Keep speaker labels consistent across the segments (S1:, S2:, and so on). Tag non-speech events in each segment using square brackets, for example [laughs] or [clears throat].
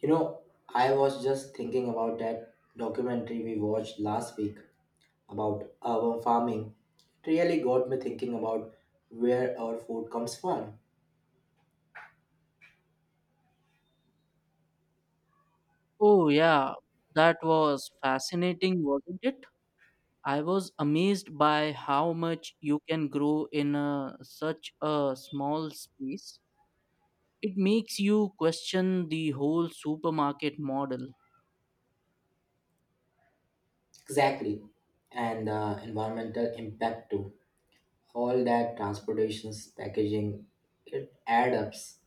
S1: You know, I was just thinking about that documentary we watched last week about urban farming. It really got me thinking about where our food comes from.
S2: Oh, yeah, that was fascinating, wasn't it? I was amazed by how much you can grow in such a small space. It makes you question the whole supermarket model.
S1: Exactly. And the environmental impact too. All that transportations, packaging, it adds ups.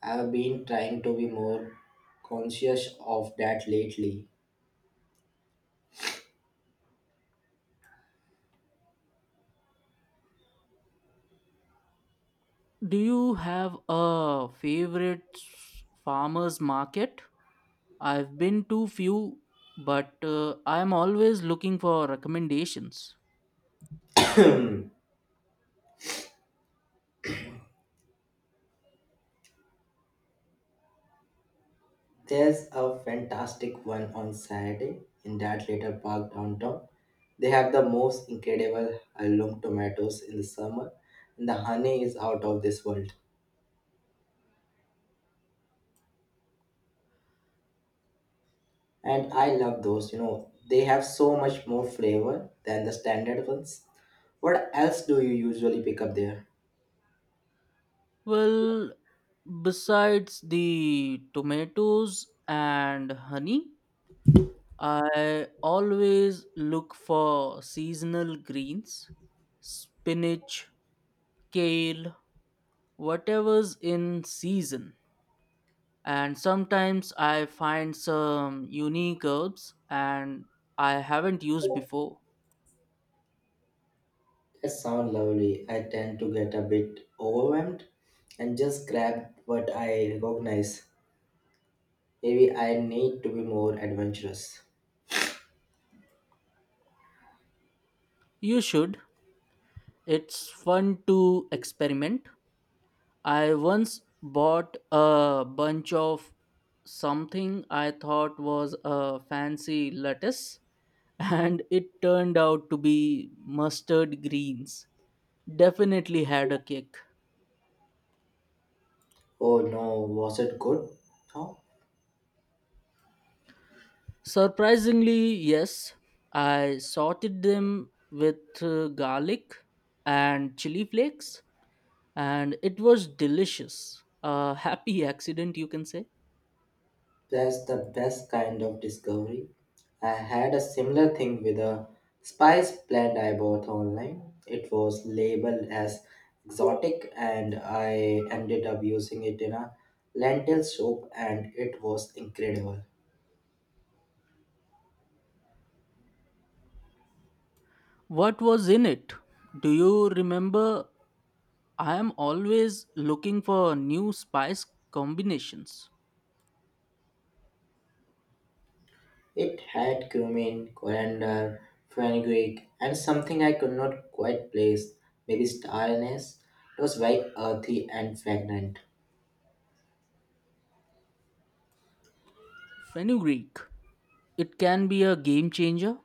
S1: I've been trying to be more conscious of that lately.
S2: Do you have a favorite farmers market? I've been to few, but I'm always looking for recommendations.
S1: [clears throat] There's a fantastic one on Saturday in that little park downtown. They have the most incredible heirloom tomatoes in the summer, and the honey is out of this world. And I love those. They have so much more flavor than the standard ones. What else do you usually pick up there?
S2: Well, besides the tomatoes and honey, I always look for seasonal greens, spinach, kale, whatever's in season. And sometimes I find some unique herbs and I haven't used before.
S1: That sounds lovely. I tend to get a bit overwhelmed and just grab what I recognize. Maybe I need to be more adventurous.
S2: You should. It's fun to experiment. I once bought a bunch of something I thought was a fancy lettuce and it turned out to be mustard greens. Definitely had a kick.
S1: Oh no, was it good? No,
S2: Surprisingly, yes, I sauteed them with garlic and chili flakes, and it was delicious. A happy [laughs] accident, you can say.
S1: that's the best kind of discovery. I had a similar thing with a spice plant I bought online. It was labeled as exotic, and I ended up using it in a lentil soup, and it was incredible.
S2: What was in it? Do you remember? I am always looking for new spice combinations.
S1: It had cumin, coriander, fenugreek, and something I could not quite place, maybe star anise. It was very earthy and fragrant.
S2: Fenugreek. It can be a game changer.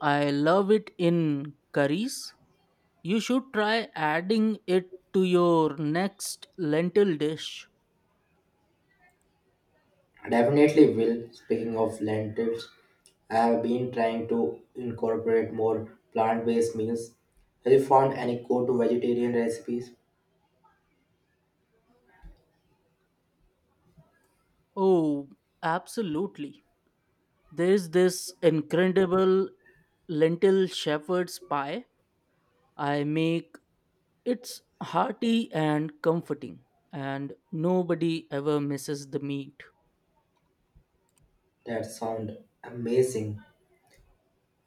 S2: I love it in curries. You should try adding it to your next lentil dish.
S1: Definitely will. Speaking of lentils, I have been trying to incorporate more plant-based meals. Have you found any good vegetarian recipes
S2: Oh, absolutely. There's this incredible lentil shepherd's pie I make. It's hearty and comforting, and nobody ever misses the meat.
S1: that sound amazing?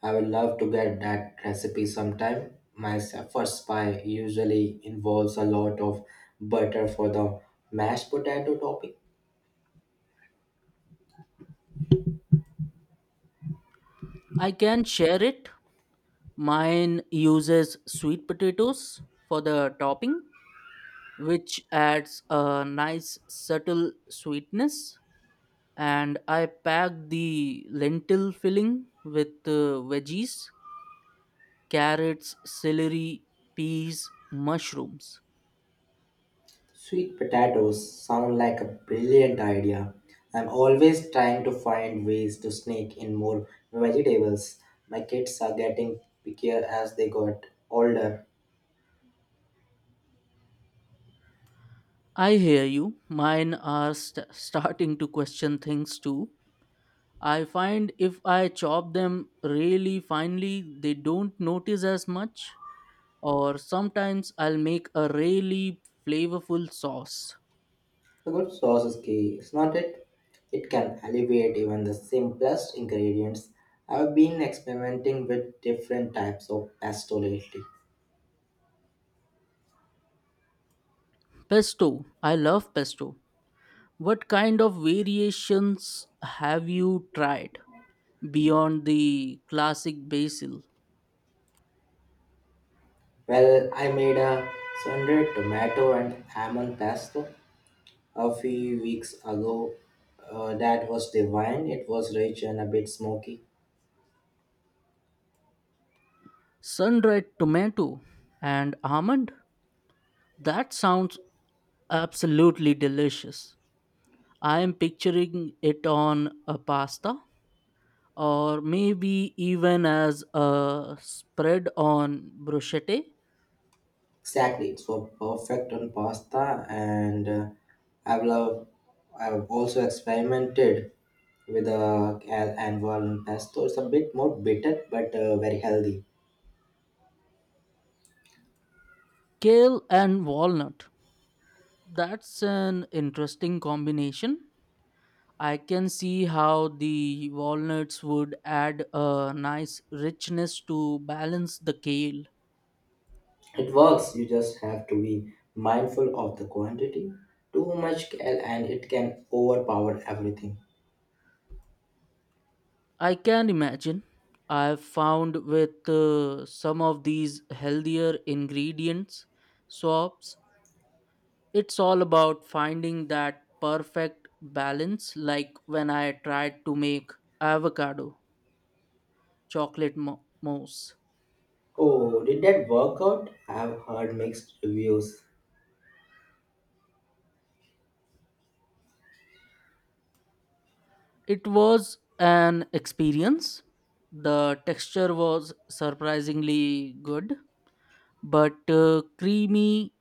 S1: I would love to get that recipe sometime. My first pie usually involves a lot of butter for the mashed potato topping.
S2: I can share it. Mine uses sweet potatoes for the topping, which adds a nice subtle sweetness. And I packed the lentil filling with veggies, carrots, celery, peas, mushrooms.
S1: Sweet potatoes sound like a brilliant idea. I'm always trying to find ways to sneak in more vegetables. My kids are getting pickier as they got older.
S2: I hear you. Mine are starting to question things too. I find if I chop them really finely, they don't notice as much. Or sometimes I'll make a really flavorful sauce.
S1: A good sauce is key, is not it? It can alleviate even the simplest ingredients. I've been experimenting with different types of pesto lately.
S2: Pesto. I love pesto. What kind of variations have you tried beyond the classic basil,
S1: Well, I made a sundried tomato and almond pesto a few weeks ago. That was divine. It was rich and a bit smoky.
S2: sun-dried tomato, and almond? That sounds absolutely delicious. I am picturing it on a pasta or maybe even as a spread on bruschetta,
S1: Exactly, it's for perfect on pasta, and I've loved. I've also experimented with anvil pesto. It's a bit more bitter, but very healthy.
S2: kale, and walnut. That's an interesting combination. I can see how the walnuts would add a nice richness to balance the kale.
S1: It works. You just have to be mindful of the quantity. Too much and it can overpower everything.
S2: I can imagine. I've found with some of these healthier ingredients, swaps, it's all about finding that perfect balance, like when I tried to make avocado chocolate mousse.
S1: Oh, did that work out? I've heard mixed reviews.
S2: It was an experience. The texture was surprisingly good but creamy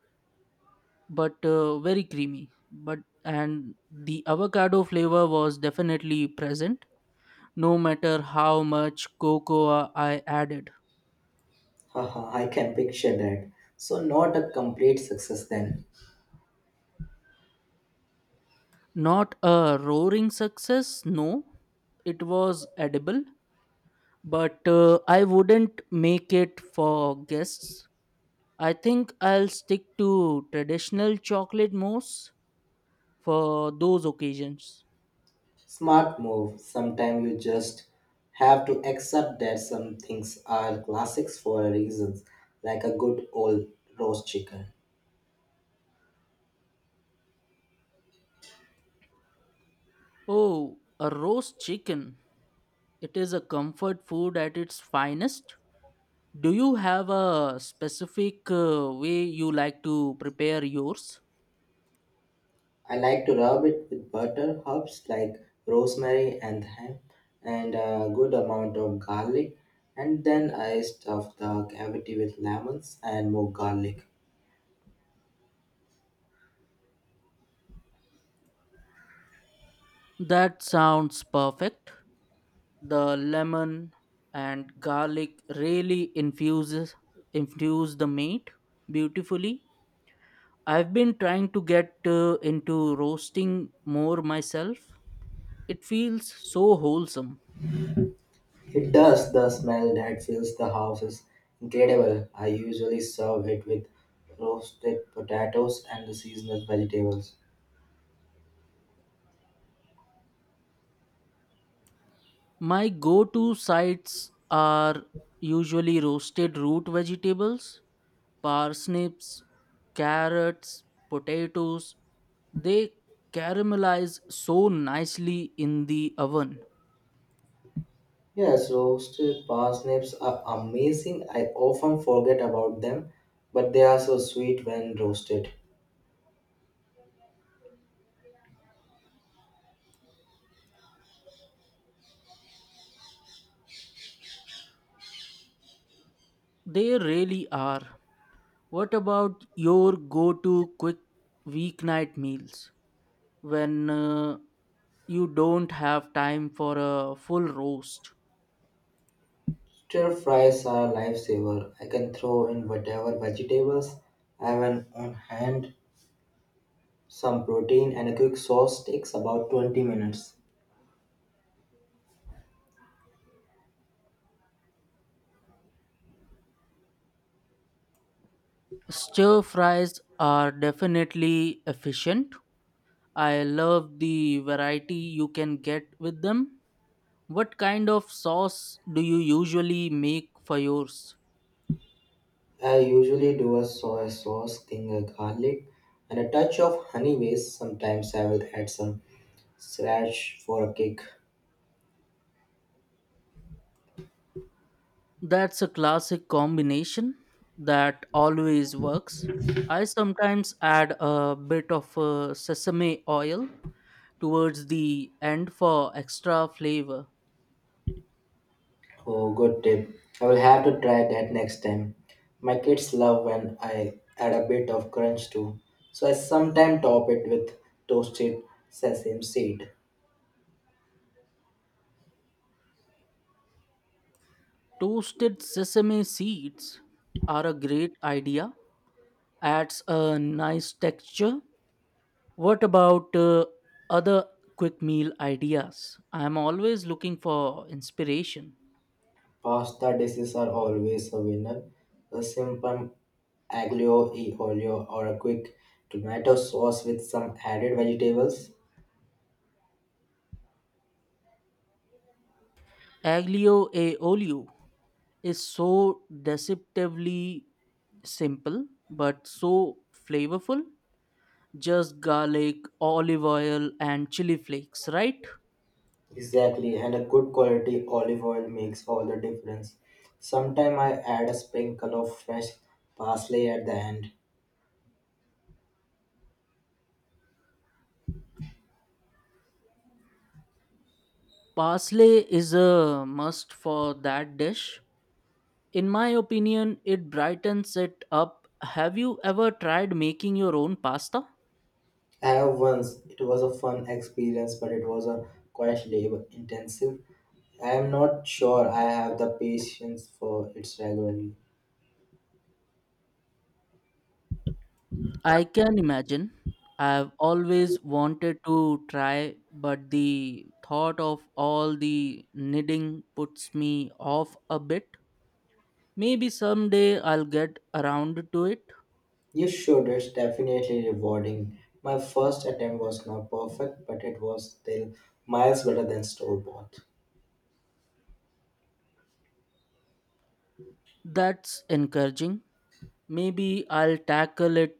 S2: but very creamy, but and the avocado flavor was definitely present, no matter how much cocoa I added.
S1: Haha, I can picture that. So, not a complete success then.
S2: Not a roaring success, no. It was edible, but I wouldn't make it for guests. I think I'll stick to traditional chocolate mousse for those occasions.
S1: Smart move. Sometimes you just have to accept that some things are classics for a reasons, like a good old roast chicken.
S2: Oh, a roast chicken. It is a comfort food at its finest. Do you have a specific way you like to prepare yours?
S1: I like to rub it with butter, herbs like rosemary and thyme, and a good amount of garlic. And then I stuff the cavity with lemons and more garlic.
S2: That sounds perfect. The lemon and garlic really infuse the meat beautifully. I've been trying to get into roasting more myself. It feels so wholesome.
S1: It does. The smell that fills the house is incredible. I usually serve it with roasted potatoes and the seasonal vegetables.
S2: My go-to sides are usually roasted root vegetables, parsnips, carrots, potatoes, they caramelize so nicely in the oven.
S1: Yes, roasted parsnips are amazing. I often forget about them, but they are so sweet when roasted.
S2: They really are. What about your go to quick weeknight meals when you don't have time for a full roast?
S1: Stir fries are a lifesaver. I can throw in whatever vegetables I have on hand. Some protein and a quick sauce takes about 20 minutes.
S2: Stir fries are definitely efficient. I love the variety you can get with them. What kind of sauce do you usually make for yours?
S1: I usually do a soy sauce, ginger garlic, and a touch of honey base. Sometimes I will add some sriracha for a kick.
S2: That's a classic combination that always works. I sometimes add a bit of sesame oil towards the end for extra flavor.
S1: Oh, good tip. I will have to try that next time. My kids love when I add a bit of crunch too, so I sometimes top it with toasted sesame seed.
S2: Toasted sesame seeds are a great idea, adds a nice texture. What about other quick meal ideas? I'm always looking for inspiration.
S1: Pasta dishes are always a winner. A simple aglio e olio or a quick tomato sauce with some added vegetables.
S2: Aglio e olio is so deceptively simple but so flavorful. Just garlic, olive oil, and chili flakes, right?
S1: Exactly, and a good quality olive oil makes all the difference. Sometimes I add a sprinkle of fresh parsley at the end.
S2: Parsley is a must for that dish. In my opinion, it brightens it up. Have you ever tried making your own pasta?
S1: I have once, it was a fun experience, but it was a quite labor intensive. I am not sure I have the patience for it regularly.
S2: I can imagine. I've always wanted to try, but the thought of all the knitting puts me off a bit. Maybe someday I'll get around to it.
S1: You should, it's definitely rewarding. My first attempt was not perfect, but it was still miles better than store bought.
S2: That's encouraging. Maybe I'll tackle it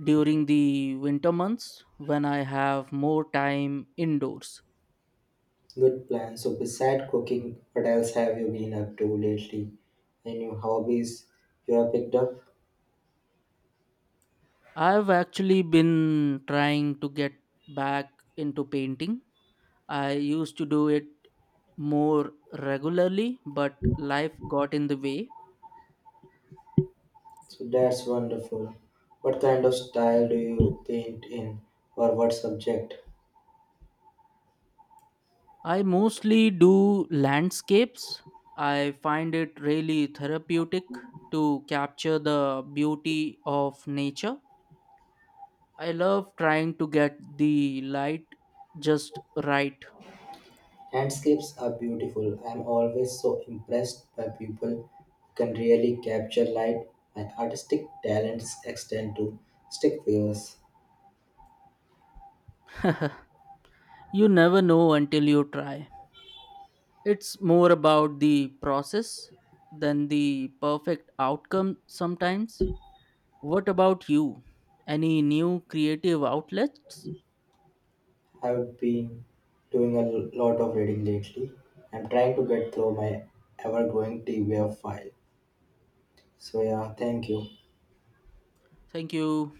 S2: during the winter months when I have more time indoors.
S1: Good plan. So, beside cooking, what else have you been up to lately? Any hobbies you have picked up?
S2: I've actually been trying to get back into painting. I used to do it more regularly, but life got in the way.
S1: So, that's wonderful. What kind of style do you paint in, or what subject?
S2: I mostly do landscapes. I find it really therapeutic to capture the beauty of nature. I love trying to get the light just right.
S1: Landscapes are beautiful. I'm always so impressed by people who can really capture light. My artistic talents extend to stick figures.
S2: [laughs] You never know until you try. It's more about the process than the perfect outcome sometimes. What about you? Any new creative outlets?
S1: I've been doing a lot of reading lately. I'm trying to get through my ever growing TBR file. So yeah, thank you.
S2: Thank you.